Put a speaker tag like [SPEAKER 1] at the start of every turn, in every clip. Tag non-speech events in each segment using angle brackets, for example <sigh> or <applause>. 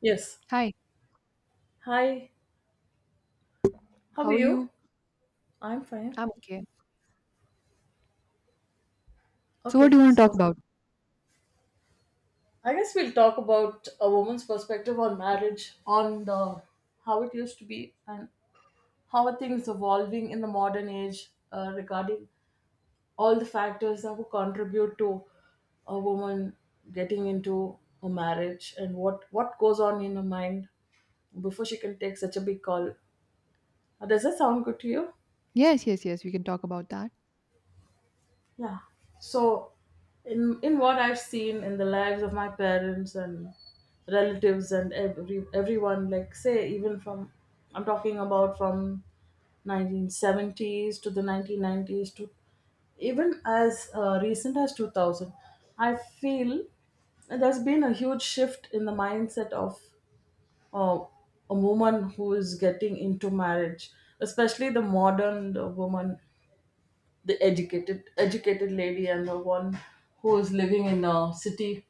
[SPEAKER 1] Yes.
[SPEAKER 2] Hi,
[SPEAKER 1] Hi. How
[SPEAKER 2] how
[SPEAKER 1] are
[SPEAKER 2] are
[SPEAKER 1] you?
[SPEAKER 2] you?
[SPEAKER 1] I'm fine.
[SPEAKER 2] I'm okay. So, what
[SPEAKER 1] Okay,
[SPEAKER 2] do you want to talk
[SPEAKER 1] so
[SPEAKER 2] about?
[SPEAKER 1] I guess we'll talk about a woman's perspective on marriage, on the how it used to be, and how are things evolving in the modern age regarding all the factors that would contribute to a woman getting into a marriage and what goes on in her mind before she can take such a big call. Does that sound good to you?
[SPEAKER 2] Yes, yes, yes, we can talk about that.
[SPEAKER 1] Yeah. So, in what I've seen in the lives of my parents and relatives and everyone, like say even from, I'm talking about from 1970s to the 1990s to even as recent as 2000, I feel there's been a huge shift in the mindset of uh, a woman who is getting into marriage, especially the modern woman, the educated lady and the one who is living in a city.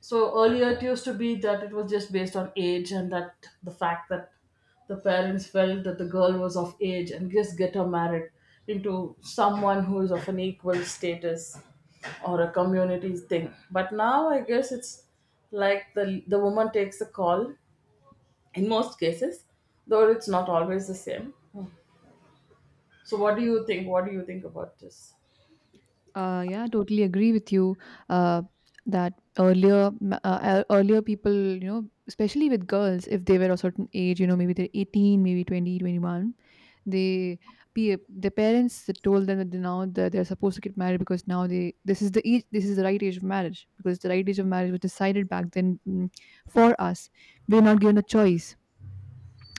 [SPEAKER 1] So earlier it used to be that it was just based on age and that the fact that the parents felt that the girl was of age and just get her married into someone who is of an equal status or a community thing, but now I guess it's like the woman takes the call in most cases, though it's not always the same. So what do you think, what do you think about this?
[SPEAKER 2] Yeah, totally agree with you uh, that earlier, earlier people, you know, especially with girls, if they were a certain age, you know, maybe they're 18, maybe 20, 21, they, their parents told them that they now that they're supposed to get married because this is the age, this is the right age of marriage because the right age of marriage was decided back then for us. We're not given a choice.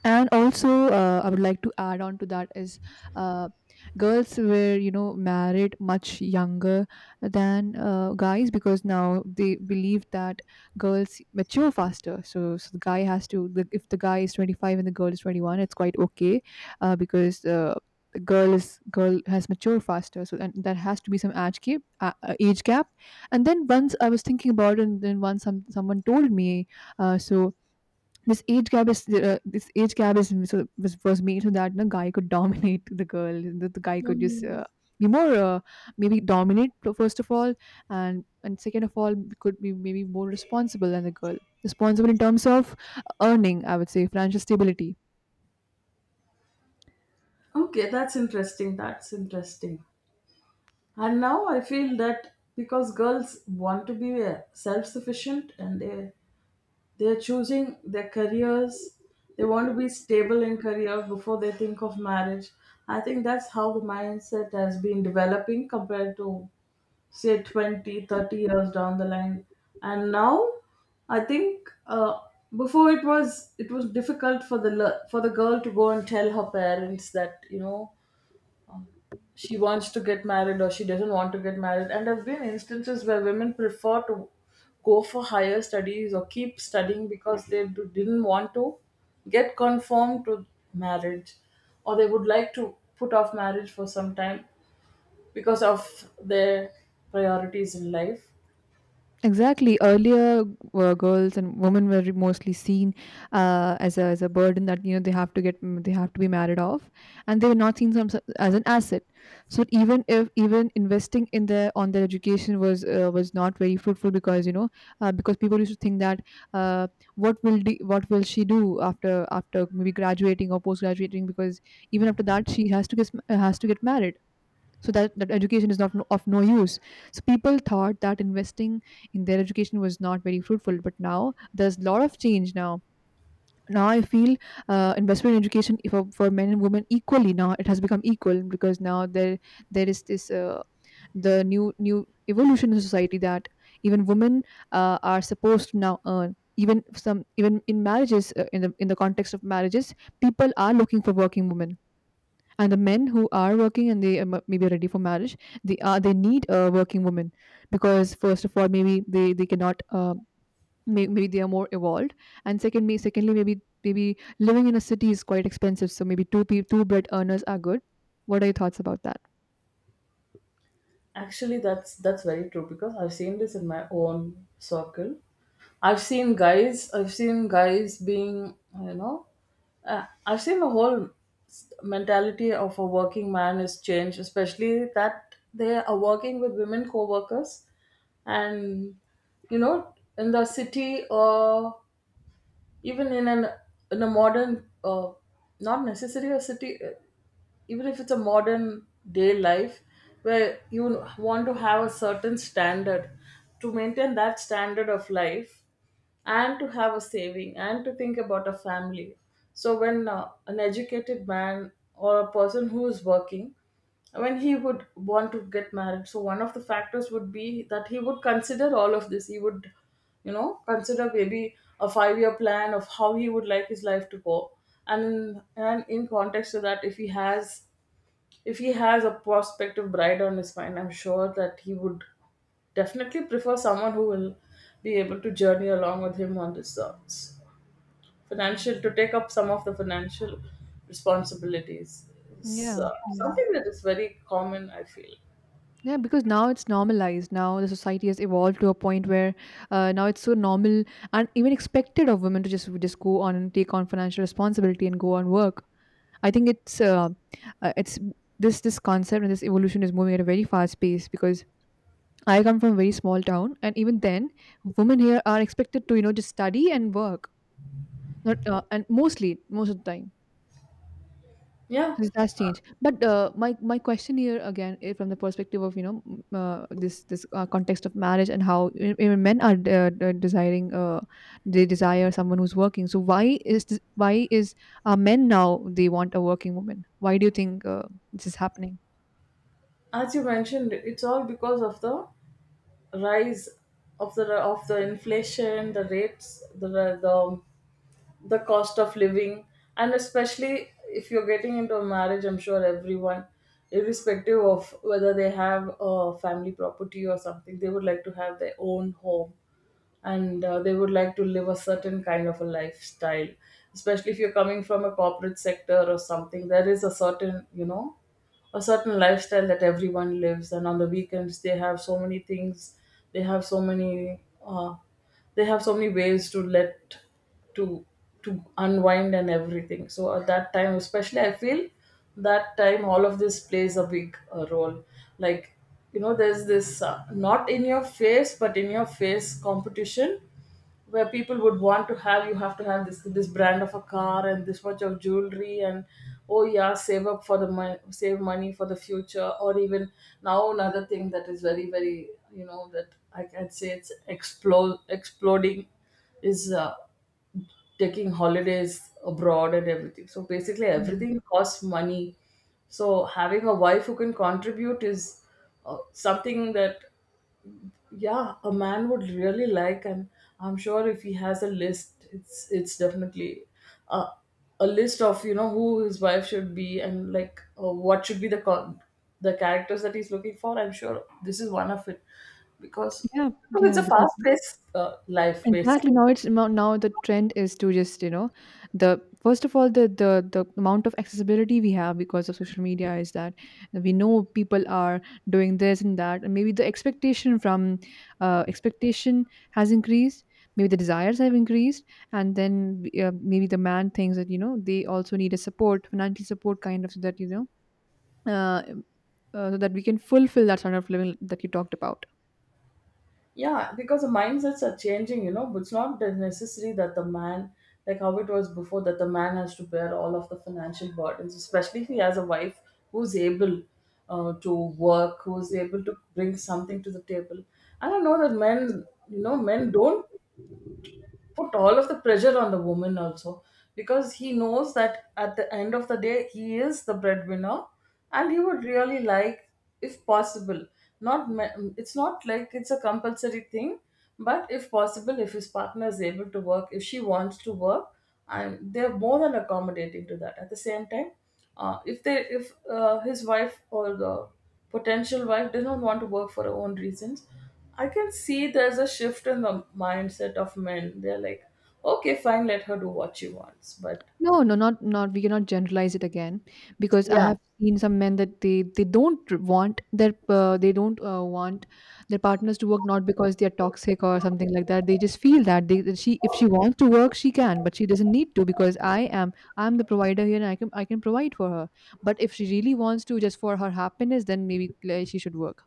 [SPEAKER 2] And also I would like to add on to that is uh, girls were, you know, married much younger than guys, because now they believe that girls mature faster, so the guy has if the guy is 25 and the girl is 21, it's quite okay, because the girl has matured faster. So and that has to be some age gap, age gap. And then once I was thinking about it, and then once someone told me, so this age gap is, this age gap is so was made so that the guy could dominate the girl. The guy could just
[SPEAKER 1] Hmm.
[SPEAKER 2] be more, maybe dominate, first of all. And second of all, could be maybe more responsible than the girl, responsible in terms of earning, I would say financial stability.
[SPEAKER 1] Okay, that's interesting. That's interesting. And now I feel that because girls want to be self-sufficient, and they're choosing their careers, they want to be stable in career before they think of marriage. I think that's how the mindset has been developing compared to say 20, 30 years down the line. And now I think before it was difficult for the for the girl to go and tell her parents that, you know, she wants to get married or she doesn't want to get married. And there have been instances where women prefer to go for higher studies or keep studying because they didn't want to get conformed to marriage, or they would like to put off marriage for some time because of their priorities in life.
[SPEAKER 2] Exactly. Earlier, girls and women were mostly seen as a burden, that, you know, they have to they have to be married off, and they were not seen as an asset. So even if, even investing in their, on their education was, was not very fruitful, because, you know, because people used to think that uh, what will she do after, after maybe graduating or post graduating, because even after that she has to get married, so that that education is not no- of no use. So people thought that investing in their education was not very fruitful, but now there's a lot of change now. Now I feel investment in education for men and women equally, now it has become equal, because now there is this, the new evolution in society, that even women, are supposed to now earn, even some, even in marriages, in the, in the context of marriages, people are looking for working women. And the men who are working and they, maybe are ready for marriage, they need a working woman, because first of all, maybe they cannot. Maybe they are more evolved, and second, secondly, maybe, maybe living in a city is quite expensive. So maybe two bread earners are good. What are your thoughts about that?
[SPEAKER 1] Actually, that's very true, because I've seen this in my own circle. I've seen guys being, you know, I've seen the whole mentality of a working man is changed, especially that they are working with women co-workers, and you know, in the city or even in an in a modern, not necessarily a city, even if it's a modern day life where you want to have a certain standard, to maintain that standard of life and to have a saving and to think about a family. So when an educated man or a person who is working, when he would want to get married, so one of the factors would be that he would consider all of this. He would, you know, consider maybe a 5 year plan of how he would like his life to go, and in context to that, if he has a prospective bride on his mind, I'm sure that he would definitely prefer someone who will be able to journey along with him on this financial, to take up some of the financial responsibilities is
[SPEAKER 2] Yeah, yeah,
[SPEAKER 1] something that is very common, I feel.
[SPEAKER 2] yeah. Because now it's normalized. Now the society has evolved to a point where, now it's so normal and even expected of women to just go on and take on financial responsibility and go and work. I think it's, it's this concept and this evolution is moving at a very fast pace, because I come from a very small town, and even then, women here are expected to, you know, just study and work, not and mostly most of the time.
[SPEAKER 1] Yeah,
[SPEAKER 2] So that's changed. But my my question here again, is from the perspective of, you know, this, context of marriage and how, even men are, desiring, they desire someone who's working. So why is this, why is, men now, they want a working woman? Why do you think this is happening?
[SPEAKER 1] as you mentioned, it's all because of the rise of the inflation, the rates, the the cost of living, and especially if you're getting into a marriage, I'm sure everyone, irrespective of whether they have a family property or something, they would like to have their own home, and they would like to live a certain kind of a lifestyle, especially if you're coming from a corporate sector or something. There is a certain, you know, a certain lifestyle that everyone lives, and on the weekends they have so many things, they have so many they have so many ways to let to to unwind and everything. So at that time especially I feel that time all of this plays a big role. Like, you know, there's this not in your face but in your face competition, where people would want to have you have to have this brand of a car and this much of jewelry, and oh yeah, save up for the money, save money for the future, or even now another thing that is very very, you know, that I can say it's explode exploding is taking holidays abroad and everything. So basically
[SPEAKER 2] Mm.
[SPEAKER 1] everything costs money. So having a wife who can contribute is something that, yeah, a man would really like. And I'm sure if he has a list, it's definitely a, a list of, you know, who his wife should be, and like, what should be the the characters that he's looking for. I'm sure this is one of it, because
[SPEAKER 2] Yeah,
[SPEAKER 1] because it's
[SPEAKER 2] yeah,
[SPEAKER 1] a
[SPEAKER 2] because
[SPEAKER 1] fast paced life basically.
[SPEAKER 2] exactly, now it's, now the trend is to just, you know, the first of all, the the amount of accessibility we have because of social media is that we know people are doing this and that, and maybe the expectation from, expectation has increased, maybe the desires have increased. And then maybe the man thinks that, you know, they also need a support, financial support kind of, so that, you know, uh, so that we can fulfill that sort of living that you talked about.
[SPEAKER 1] Yeah, because the mindsets are changing, you know, but it's not that necessary that the man, like how it was before, that the man has to bear all of the financial burdens, especially if he has a wife who's able to work, who's able to bring something to the table. And I know that men, you know, men don't put all of the pressure on the woman also, because he knows that at the end of the day he is the breadwinner, and he would really like, if possible, not ma- it's not like it's a compulsory thing, but if possible, if his partner is able to work, if she wants to work, and they're more than accommodating to that. At the same time, if they if his wife or the potential wife does not want to work for her own reasons, I can see there's a shift in the mindset of men. They're like, okay, fine, let her do what she wants. But
[SPEAKER 2] No, no, not, not we cannot generalize it again, because I
[SPEAKER 1] yeah,
[SPEAKER 2] have seen some men that they don't want their, they don't want their partners to work, not because they are toxic or something like that. They just feel that they that she, if she wants to work she can, but she doesn't need to, because I'm the provider here and I can provide for her. But if she really wants to, just for her happiness, then maybe she should work.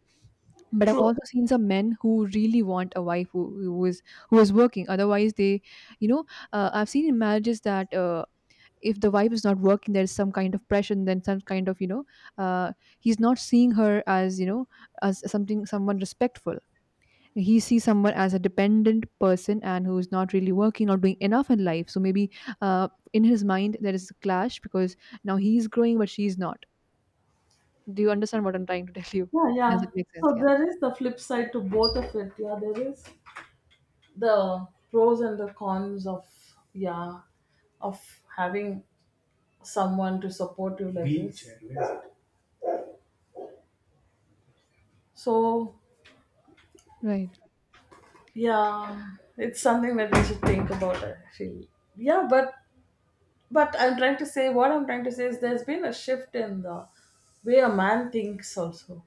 [SPEAKER 2] But I've
[SPEAKER 1] true.
[SPEAKER 2] also seen some men who really want a wife who is, who is working. Otherwise, they, you know, I've seen in marriages that, if the vibe is not working, there's some kind of pressure, and then some kind of, you know, uh, he's not seeing her as, you know, as something someone respectful. He sees someone as a dependent person and who's not really working or doing enough in life. So maybe in his mind there is a clash, because now he's growing but she's not. Do you understand what I'm trying to tell you?
[SPEAKER 1] Yeah,
[SPEAKER 2] Does
[SPEAKER 1] yeah.
[SPEAKER 2] it make sense?
[SPEAKER 1] So
[SPEAKER 2] Yeah,
[SPEAKER 1] there is the flip side to both of it. Yeah, there is the pros and the cons of, yeah, of having someone to support you like this. So
[SPEAKER 2] right,
[SPEAKER 1] yeah, it's something that we should think about, I feel. Yeah, but I'm trying to say, what I'm trying to say is there's been a shift in the way a man thinks also.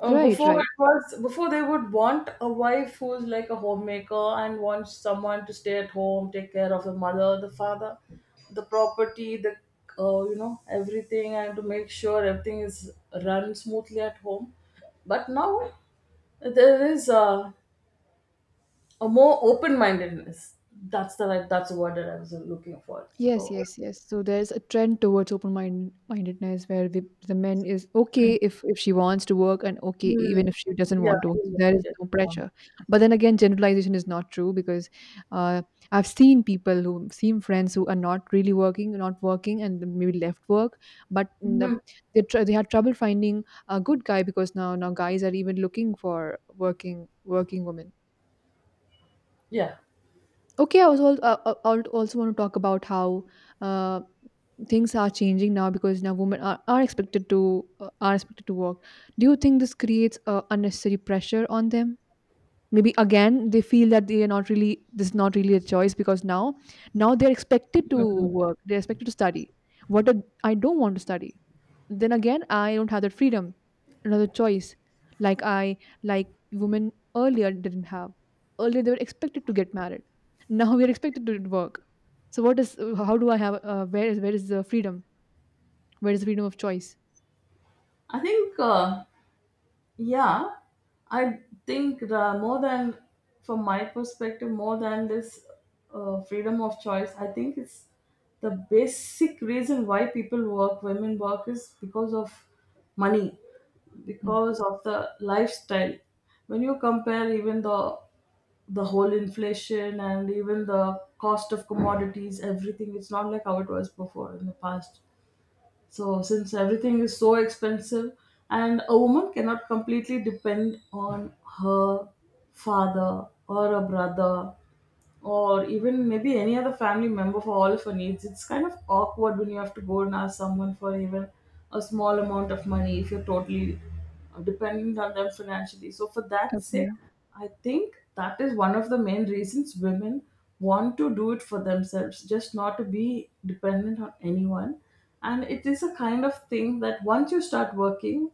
[SPEAKER 2] right,
[SPEAKER 1] Before
[SPEAKER 2] right.
[SPEAKER 1] it was before they would want a wife who's like a homemaker and wants someone to stay at home, take care of the mother, the father, the property, the you know everything, and to make sure everything is run smoothly at home. But now there is a more open mindedness. That's the right. That's the word that I was looking for.
[SPEAKER 2] Yes,
[SPEAKER 1] So
[SPEAKER 2] yes, yes. So there's a trend towards open mindedness, where the men is okay if she wants to work, and okay
[SPEAKER 1] mm.
[SPEAKER 2] even if she doesn't
[SPEAKER 1] Yeah,
[SPEAKER 2] want to work. So
[SPEAKER 1] yeah,
[SPEAKER 2] there
[SPEAKER 1] she
[SPEAKER 2] is
[SPEAKER 1] did.
[SPEAKER 2] no
[SPEAKER 1] Um,
[SPEAKER 2] pressure. But then again, generalization is not true, because uh, I've seen people who seen friends who are not really working, not working, and then maybe left work. But in the,
[SPEAKER 1] Mhm.
[SPEAKER 2] they had trouble finding a good guy, because now, now guys are even looking for working, working women.
[SPEAKER 1] Yeah.
[SPEAKER 2] Okay, I was also want to talk about how, uh, things are changing now, because now women are expected to, are expected to work. Do you think this creates unnecessary pressure on them? Maybe again they feel that they are not really, this is not really a choice, because now, now they're expected to work. They're expected to study. What I don't want to study, then again I don't have that freedom, another choice, like I, like women earlier didn't have. Earlier they were expected to get married, now we are expected to work. So what is, how do I have, where is, where is the freedom, where is the freedom of choice?
[SPEAKER 1] I think, yeah, I think the more than, from my perspective, more than this freedom of choice, I think it's the basic reason why people work, women work, is because of money,
[SPEAKER 2] Mm.
[SPEAKER 1] because of the lifestyle. When you compare even the whole inflation and even the cost of commodities, everything. It's not like how it was before in the past. So, since everything is so expensive, and a woman cannot completely depend on her father or a brother or even maybe any other family member for all of her needs. It's kind of awkward when you have to go and ask someone for even a small amount of money if you're totally dependent on them financially. So, for that sake,
[SPEAKER 2] Okay.
[SPEAKER 1] I think that is one of the main reasons women want to do it for themselves, just not to be dependent on anyone. And it is a kind of thing that once you start working,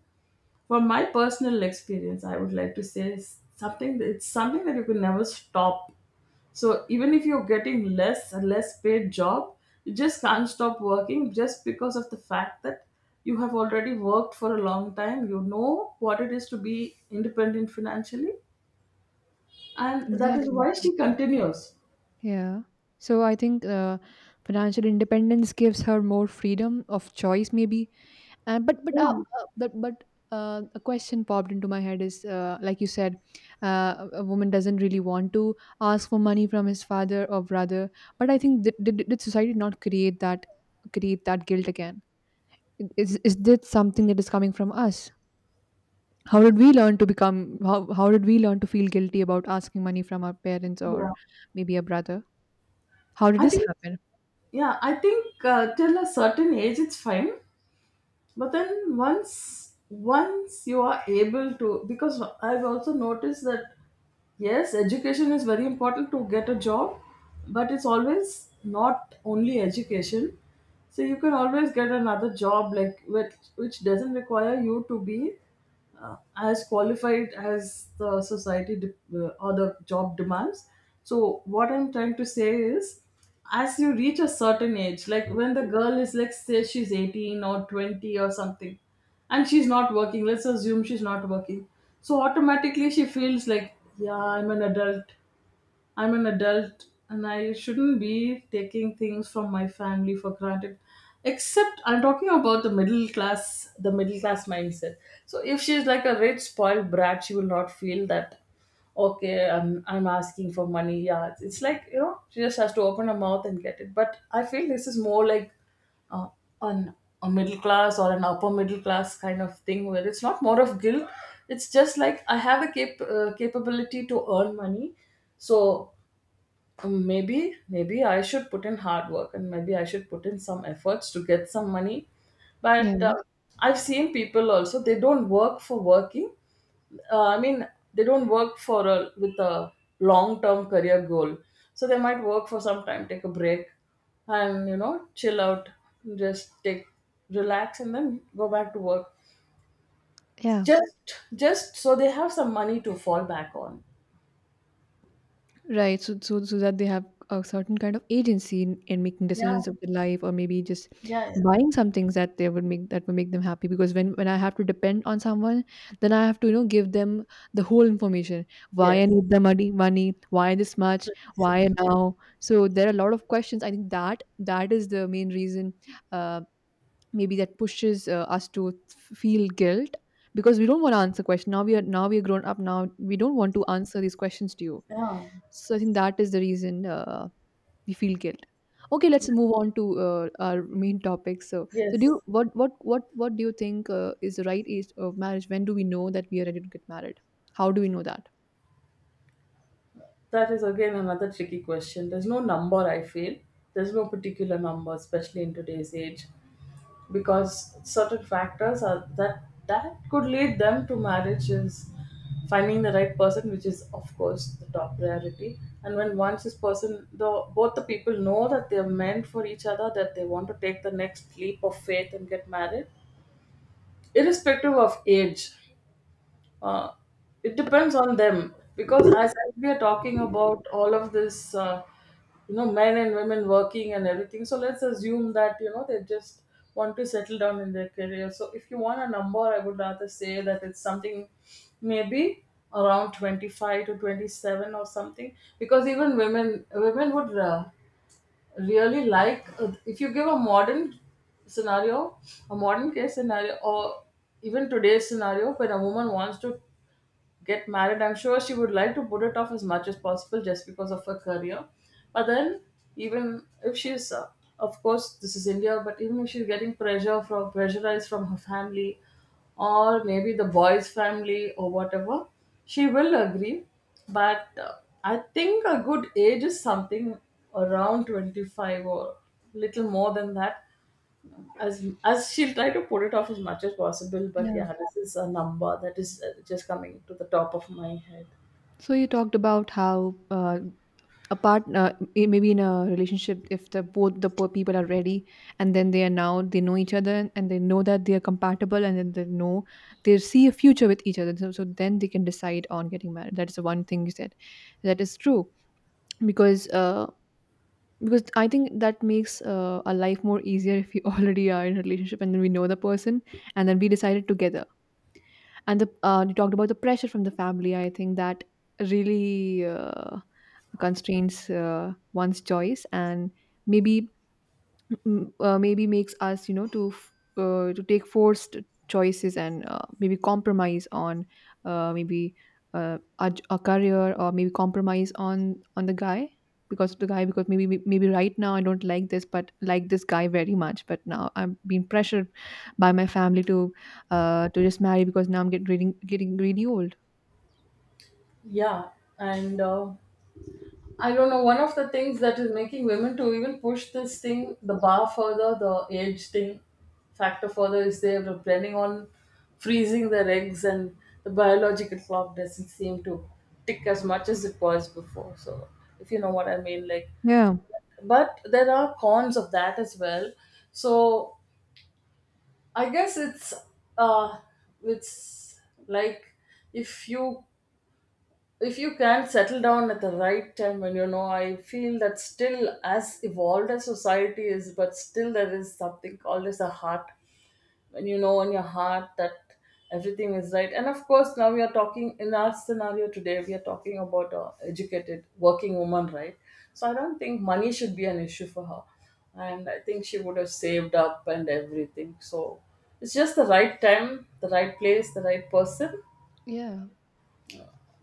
[SPEAKER 1] from my personal experience I would like to say is something that it's something that you can never stop. So even if you're getting less a less paid job, you just can't stop working, just because of the fact that you have already worked for a long time. You know what it is to be independent financially, and that is
[SPEAKER 2] Exactly,
[SPEAKER 1] why she
[SPEAKER 2] exactly.
[SPEAKER 1] continues.
[SPEAKER 2] Yeah, so I think financial independence gives her more freedom of choice maybe. And
[SPEAKER 1] Yeah,
[SPEAKER 2] but a question popped into my head is, like you said, a woman doesn't really want to ask for money from his father or brother. But I think, did society not create that, create that guilt again? Is this something that is coming from us? How did we learn to become? How did we learn to feel guilty about asking money from our parents or
[SPEAKER 1] yeah,
[SPEAKER 2] maybe a brother? How did
[SPEAKER 1] I
[SPEAKER 2] this
[SPEAKER 1] think,
[SPEAKER 2] happen?
[SPEAKER 1] yeah, I think till a certain age it's fine, but then once you are able to, because I've also noticed that yes, education is very important to get a job, but it's always not only education. So you can always get another job like which doesn't require you to be as qualified as the society or the job demands. So, what I'm trying to say is, as you reach a certain age, like when the girl is, like, say she's 18 or 20 or something, and she's not working, let's assume she's not working. So, automatically she feels like, yeah, I'm an adult. I'm an adult and I shouldn't be taking things from my family for granted. Except I'm talking about the middle class mindset. So if she's like a rich spoiled brat, she will not feel that okay, I'm asking for money. Yeah, it's like she just has to open her mouth and get it. But I feel this is more like uh, an a middle class or an upper middle class kind of thing where it's not more of guilt. It's just like I have a capability to earn money, so maybe I should put in hard work and maybe I should put in some efforts to get some money,
[SPEAKER 2] Yeah,
[SPEAKER 1] but I've seen people also they don't work for working, I mean they don't work for with a long term career goal. So they might work for some time, take a break and chill out, just take, relax and then go back to work,
[SPEAKER 2] yeah.
[SPEAKER 1] just so they have some money to fall back on.
[SPEAKER 2] Right. So, so, so that they have a certain kind of agency in making
[SPEAKER 1] Yeah,
[SPEAKER 2] decisions of their life, or maybe just
[SPEAKER 1] yeah,
[SPEAKER 2] buying some things that they would make that would make them happy. Because when I have to depend on someone, then I have to, you know, give them the whole information.
[SPEAKER 1] yeah,
[SPEAKER 2] Why I need money. Why this much? Why
[SPEAKER 1] yes,
[SPEAKER 2] now? So there are a lot of questions. I think that, that is the main reason. Uh, Maybe that pushes us to feel guilt because we don't want to answer questions. Now we are grown up. Now we don't want to answer these questions to you.
[SPEAKER 1] yeah.
[SPEAKER 2] So I think that is the reason we feel guilt. Okay, let's move on to our main topic. So do
[SPEAKER 1] Yes,
[SPEAKER 2] you, what do you think is the right age of marriage? When do we know that we are ready to get married? How do we know that?
[SPEAKER 1] that is again another tricky question. There's no number, I feel. There's no particular number, especially in today's age, because certain factors are that could lead them to marriage is finding the right person, which is of course the top priority. And when once this person, the both the people know that they're meant for each other, that they want to take the next leap of faith and get married, irrespective of age. uh, it depends on them because as we are talking about all of this, you know, men and women working and everything, so let's assume that you know they just want to settle down in their career. So if you want a number, I would rather say that it's something maybe around 25 to 27 or something, because even women would, really like, if you give a modern scenario, a modern case scenario, or even today's scenario when a woman wants to get married. I'm sure she would like to put it off as much as possible just because of her career. But then, even if she's, of course, this is India, but even if she's getting pressure from, pressurized from her family, or maybe the boy's family or whatever, she will agree. But I think a good age is something around 25, or little more than that, as she'll try to put it off as much as possible. But
[SPEAKER 2] Yeah,
[SPEAKER 1] yeah, this is a number that is, just coming to the top of my head.
[SPEAKER 2] so you talked about how, uh, a part, maybe in a relationship, if the both the poor people are ready, and then they are, now they know each other and they know that they are compatible, and then they know they see a future with each other, so then they can decide on getting married. That's the one thing you said. That is true, because uh, because I think that makes a life more easier if we <laughs> already are in a relationship and then we know the person and then we decided together. And the, you talked about the pressure from the family. I think that really constrains one's choice and maybe, maybe makes us, you know, to to take forced choices, and maybe compromise on maybe a career, or maybe compromise on the guy. Because maybe, maybe right now I don't like this, but like this guy very much, but now I'm being pressured by my family to uh, to just marry, because now I'm getting, getting really old.
[SPEAKER 1] Yeah, and I don't know, one of the things that is making women to even push this thing, the bar further, the age thing factor further, is they're planning on freezing their eggs, and the biological clock doesn't seem to tick as much as it was before. So if you know what I mean, like,
[SPEAKER 2] Yeah,
[SPEAKER 1] but there are cons of that as well. So I guess uh it's like, if you, if you can settle down at the right time, and you know, I feel that still, as evolved as society is, but still there is something called as a heart. When you know in your heart that everything is right, and of course now we are talking in our scenario, today we are talking about a educated working woman, right? So I don't think money should be an issue for her, and I think she would have saved up and everything. So it's just the right time, the right place, the right person
[SPEAKER 2] yeah.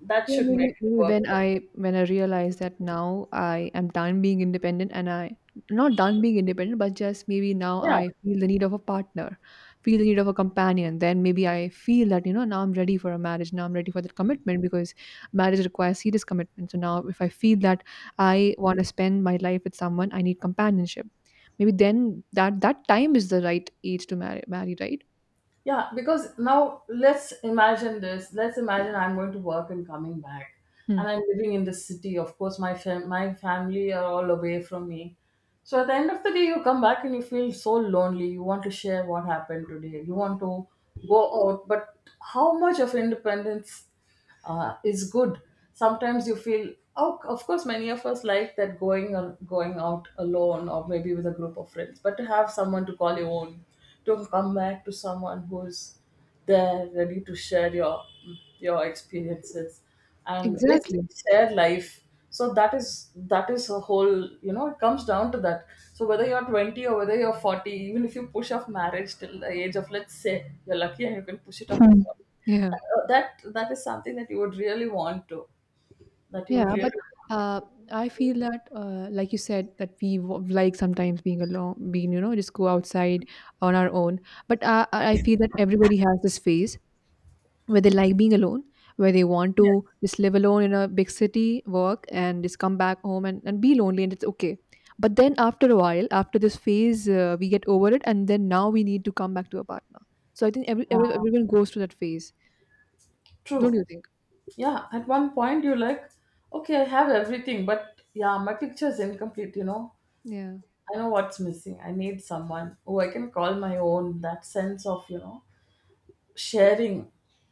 [SPEAKER 1] that
[SPEAKER 2] Yeah,
[SPEAKER 1] should make
[SPEAKER 2] maybe,
[SPEAKER 1] it work.
[SPEAKER 2] when I, when I realize that now I am done being independent, and I, not done being independent, but just maybe now
[SPEAKER 1] Yeah.
[SPEAKER 2] I feel the need of a partner, feel the need of a companion. Then maybe I feel that, you know, now I'm ready for a marriage, now I'm ready for that commitment, because marriage requires serious commitment. So now if I feel that I want to spend my life with someone, I need companionship. Maybe then that time is the right age to marry marry, right?
[SPEAKER 1] Yeah, because now let's imagine this. Let's imagine I'm going to work and coming back,
[SPEAKER 2] Hmm.
[SPEAKER 1] and I'm living in the city. Of course, my my family are all away from me. So at the end of the day, you come back and you feel so lonely. You want to share what happened today. You want to go out, but how much of independence is good. Sometimes you feel, oh, of course, many of us like that, going or going out alone or maybe with a group of friends, but to have someone to call your own, to come back to someone who's there, ready to share your experiences and
[SPEAKER 2] Exactly.
[SPEAKER 1] basically share life. So that is a whole, you know, it comes down to that. So whether you're 20 or whether you're 40, even if you push off marriage till the age of, let's say, you're lucky and you can push it off to
[SPEAKER 2] Hmm.
[SPEAKER 1] 40,
[SPEAKER 2] Yeah.
[SPEAKER 1] that is something that you would really want to, that you would
[SPEAKER 2] Yeah, but
[SPEAKER 1] really want.
[SPEAKER 2] uh, I feel that, like you said, that like sometimes being alone, being, you know, just go outside on our own. But I feel that everybody has this phase where they like being alone, where they want
[SPEAKER 1] Yeah.
[SPEAKER 2] to just live alone in a big city, work, and just come back home, and be lonely, and it's okay. But then after a while, after this phase, we get over it, and then now we need to come back to a partner. So I think everyone goes through that phase, don't
[SPEAKER 1] True.
[SPEAKER 2] you think?
[SPEAKER 1] Yeah, at one point you're like, okay, I have everything, but yeah, my picture is incomplete, you know.
[SPEAKER 2] Yeah.
[SPEAKER 1] I know what's missing. I need someone who I can call my own, that sense of, you know, sharing,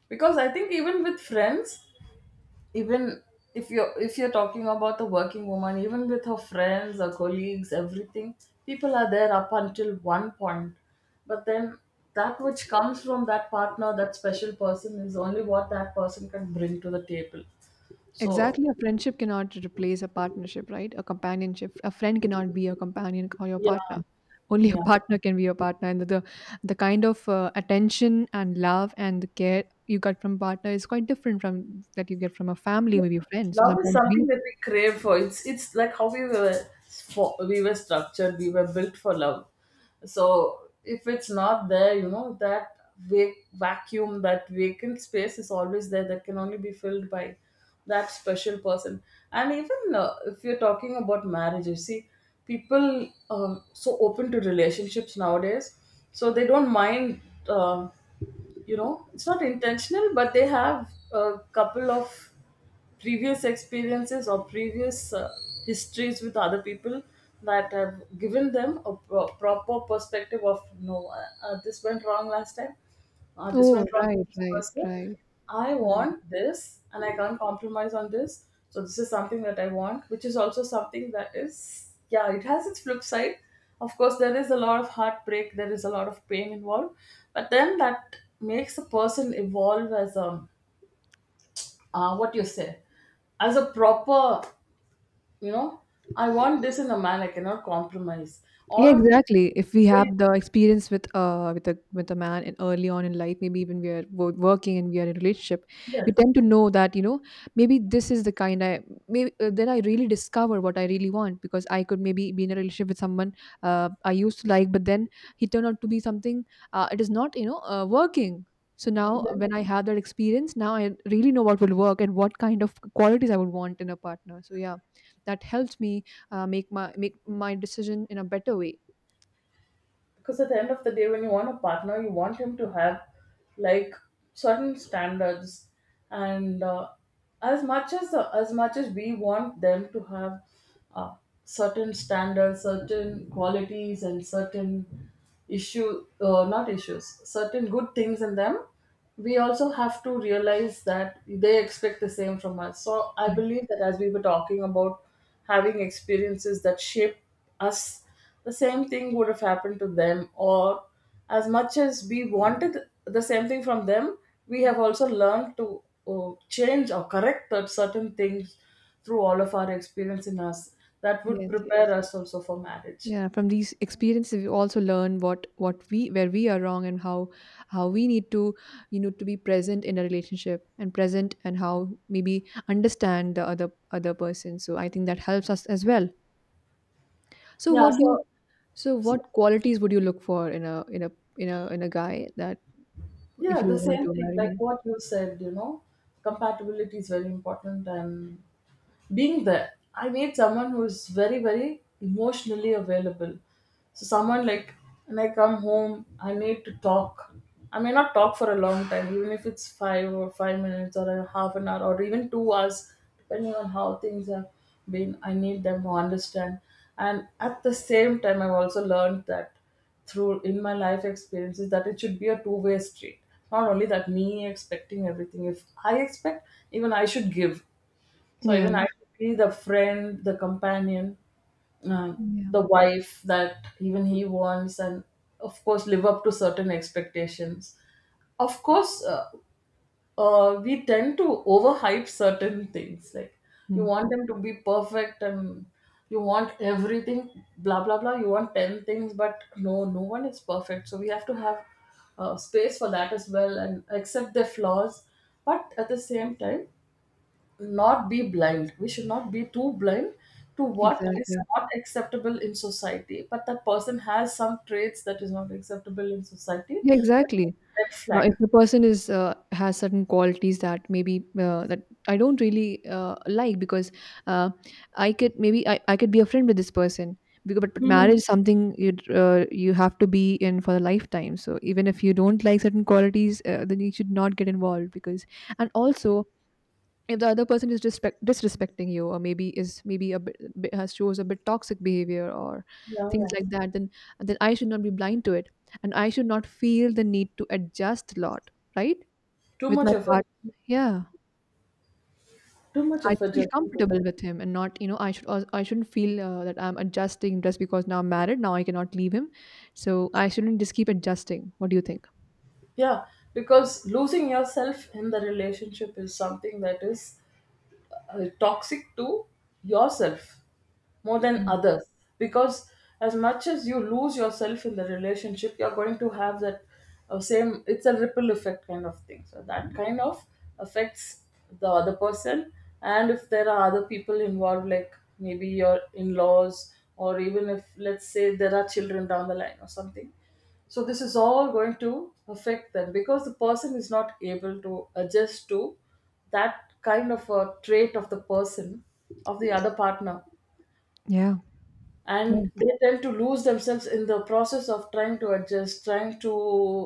[SPEAKER 1] because I think even with friends, even if you're, if you're talking about the working woman, even with her friends, her colleagues, everything, people are there up until one point, but then that which comes from that partner, that special person, is only what that person can bring to the table. So
[SPEAKER 2] Exactly. A friendship cannot replace a partnership, right? A companionship. A friend cannot be your companion or your
[SPEAKER 1] yeah,
[SPEAKER 2] partner. Only a
[SPEAKER 1] yeah,
[SPEAKER 2] partner can be your partner. And the the kind of attention and love and the care you get from partner is quite different from that you get from a family, maybe friends. So
[SPEAKER 1] love is
[SPEAKER 2] sometimes we.
[SPEAKER 1] something that we crave for. It's like how we were, we were structured, we were built for love. So if it's not there, you know, that vacuum, that vacant space is always there, that can only be filled by that special person. And even, if you're talking about marriage, you see people, so open to relationships nowadays, so they don't mind, uh, you know, it's not intentional, but they have a couple of previous experiences or previous, histories with other people that have given them a proper perspective of no, this went wrong last time, this
[SPEAKER 2] Oh,
[SPEAKER 1] went wrong with
[SPEAKER 2] right,
[SPEAKER 1] this
[SPEAKER 2] right,
[SPEAKER 1] person.
[SPEAKER 2] right,
[SPEAKER 1] I
[SPEAKER 2] right.
[SPEAKER 1] want this and I can't compromise on this. So, this is something that I want, which is also something that is, yeah, it has its flip side. Of course, there is a lot of heartbreak, there is a lot of pain involved, but then that makes a person evolve as a, what you say, as a proper, you know, I want this in a man, I cannot compromise
[SPEAKER 2] Yeah,
[SPEAKER 1] all of
[SPEAKER 2] exactly. If we
[SPEAKER 1] this.
[SPEAKER 2] have the experience with a, with a man, and early on in life, maybe even we are working and we are in a relationship, we
[SPEAKER 1] Yes,
[SPEAKER 2] tend to know that, you know, maybe this is the kind I, maybe then I really discover what I really want, because I could maybe be in a relationship with someone I used to like, but then he turned out to be something it is not, you know, working. So now when I have that experience, now I really know what will work and what kind of qualities I would want in a partner. So yeah, that helps me make my, make my decision in a better way.
[SPEAKER 1] because at the end of the day, when you want a partner, you want him to have, like, certain standards, and as much as we want them to have, uh, certain standards, certain qualities and certain issue not issues, certain good things in them, we also have to realize that they expect the same from us. So I
[SPEAKER 2] Right.
[SPEAKER 1] believe that, as we were talking about, having experiences that shape us, the same thing would have happened to them, or as much as we wanted the same thing from them, we have also learned to, change or correct that, certain things through all of our experience in us, that would
[SPEAKER 2] Yes,
[SPEAKER 1] prepare
[SPEAKER 2] yes.
[SPEAKER 1] us also for marriage.
[SPEAKER 2] Yeah, from these experiences we also learn what we, where we are wrong, and how we need to, you know, to be present in a relationship, and present, and how maybe understand the other, other person. So I think that helps us as well. so
[SPEAKER 1] Yeah.
[SPEAKER 2] what do you so
[SPEAKER 1] So-
[SPEAKER 2] what qualities would you look for in a, in a in a guy that, if
[SPEAKER 1] yeah,
[SPEAKER 2] you
[SPEAKER 1] the
[SPEAKER 2] want
[SPEAKER 1] same
[SPEAKER 2] to
[SPEAKER 1] thing
[SPEAKER 2] marry
[SPEAKER 1] like
[SPEAKER 2] him?
[SPEAKER 1] what you said, you know, compatibility is very important, and being there. I need someone who's very, very emotionally available. So someone like, when I come home, I need to talk. I may not talk for a long time, even if it's five or five minutes, or a half an hour, or even two hours, depending on how things have been. I need them to understand. And at the same time, I've also learned that, through in my life experiences, that it should be a two-way street. Not only that, me expecting everything. If I expect, even I should give. So
[SPEAKER 2] Yeah.
[SPEAKER 1] even I should be the friend, the companion, uh, the
[SPEAKER 2] Yeah.
[SPEAKER 1] wife that even he wants, and of course live up to certain expectations. Of course, we tend to overhype certain things. Like, you
[SPEAKER 2] Hmm.
[SPEAKER 1] want them to be perfect, and you want everything, blah blah blah. You want ten things, but no, no one is perfect. So we have to have, space for that as well, and accept their flaws. But at the same time, not be blind. We should not be too blind to what is
[SPEAKER 2] Exactly.
[SPEAKER 1] not acceptable in society. But that person has some traits that is not acceptable in society.
[SPEAKER 2] Yeah,
[SPEAKER 1] That
[SPEAKER 2] exactly.
[SPEAKER 1] is red flag.
[SPEAKER 2] If the person is has certain qualities that maybe that I don't really like, because uh, I could maybe, I could be a friend with this person because, but
[SPEAKER 1] Hmm.
[SPEAKER 2] marriage is something you you have to be in for a lifetime. So even if you don't like certain qualities then you should not get involved because, and also if the other person is disrespecting you, or maybe is maybe a has shows a bit toxic behavior or
[SPEAKER 1] Yeah,
[SPEAKER 2] things
[SPEAKER 1] yeah.
[SPEAKER 2] like that, then I should not be blind to it, and I should not feel the need to adjust a lot, right,
[SPEAKER 1] Too
[SPEAKER 2] with
[SPEAKER 1] much
[SPEAKER 2] my
[SPEAKER 1] effort.
[SPEAKER 2] part. Yeah.
[SPEAKER 1] Too much
[SPEAKER 2] I should
[SPEAKER 1] effort.
[SPEAKER 2] feel
[SPEAKER 1] Just
[SPEAKER 2] comfortable
[SPEAKER 1] because.
[SPEAKER 2] with him and not, you know, I should, I shouldn't feel that I'm adjusting just because now I'm married, now I cannot leave him. So I shouldn't just keep adjusting. What do you think?
[SPEAKER 1] Yeah, because losing yourself in the relationship is something that is, toxic to yourself, more than
[SPEAKER 2] Mm.
[SPEAKER 1] others, because as much as you lose yourself in the relationship, you're going to have that, same, it's a ripple effect kind of thing. So that kind of affects the other person, and if there are other people involved, like maybe your in-laws, or even if let's say there are children down the line or something, so this is all going to affect them, because the person is not able to adjust to that kind of a trait of the person, of the other partner,
[SPEAKER 2] Yeah.
[SPEAKER 1] and they tend to lose themselves in the process of trying to adjust, trying to,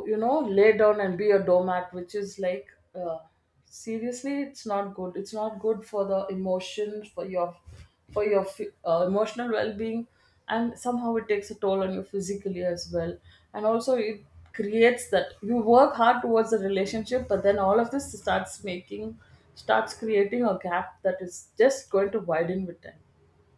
[SPEAKER 1] you know, lay down and be a doormat, which is like, uh, seriously, it's not good, it's not good for the emotions, for your emotional well-being, and somehow it takes a toll on you physically as well. And also it creates that, you work hard towards the relationship, but then all of this starts creating a gap that is just going to widen with time.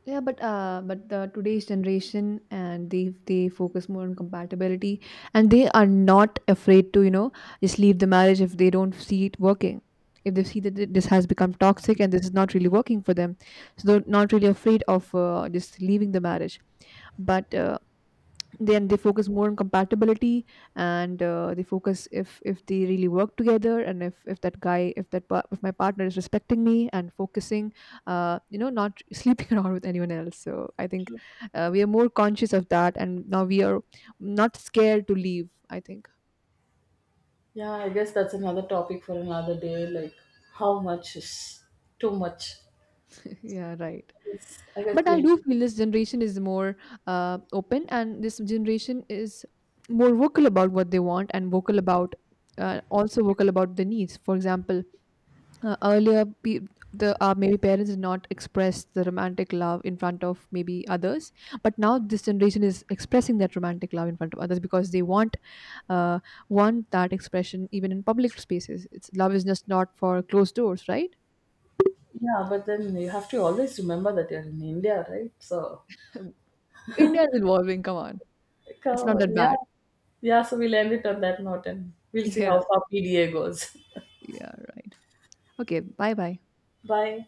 [SPEAKER 2] Yeah, but the today's generation, and they focus more on compatibility, and they are not afraid to, you know, just leave the marriage if they don't see it working, if they see that this has become toxic and this is not really working for them, so they're not really afraid of just leaving the marriage. But then they focus more on compatibility, and they focus, if they really work together, and if that guy, if that if my partner is respecting me and focusing uh, you know, not <laughs> sleeping around with anyone else. So I think we are more conscious of that, and now we are not scared to leave, I think.
[SPEAKER 1] Yeah, I guess that's another topic for another day. Like, how much is too much?
[SPEAKER 2] <laughs> Yeah, right.
[SPEAKER 1] Yes, I guess
[SPEAKER 2] But I
[SPEAKER 1] we'll.
[SPEAKER 2] do feel this generation is more open, and this generation is more vocal about what they want, and vocal about also vocal about the needs. For example, earlier pe- the maybe parents did not express the romantic love in front of maybe others, but now this generation is expressing that romantic love in front of others because they uh, want that expression even in public spaces. It's love is just not for closed doors, right?
[SPEAKER 1] Yeah, but then you have to always remember that you're in India, right? So,
[SPEAKER 2] <laughs> India is evolving, come on.
[SPEAKER 1] like, come
[SPEAKER 2] It's not
[SPEAKER 1] on.
[SPEAKER 2] that
[SPEAKER 1] Yeah.
[SPEAKER 2] bad.
[SPEAKER 1] Yeah, so we'll end it on that note and we'll see
[SPEAKER 2] Yeah.
[SPEAKER 1] how far PDA goes.
[SPEAKER 2] Yeah, right. Okay, bye bye.
[SPEAKER 1] <laughs> Bye.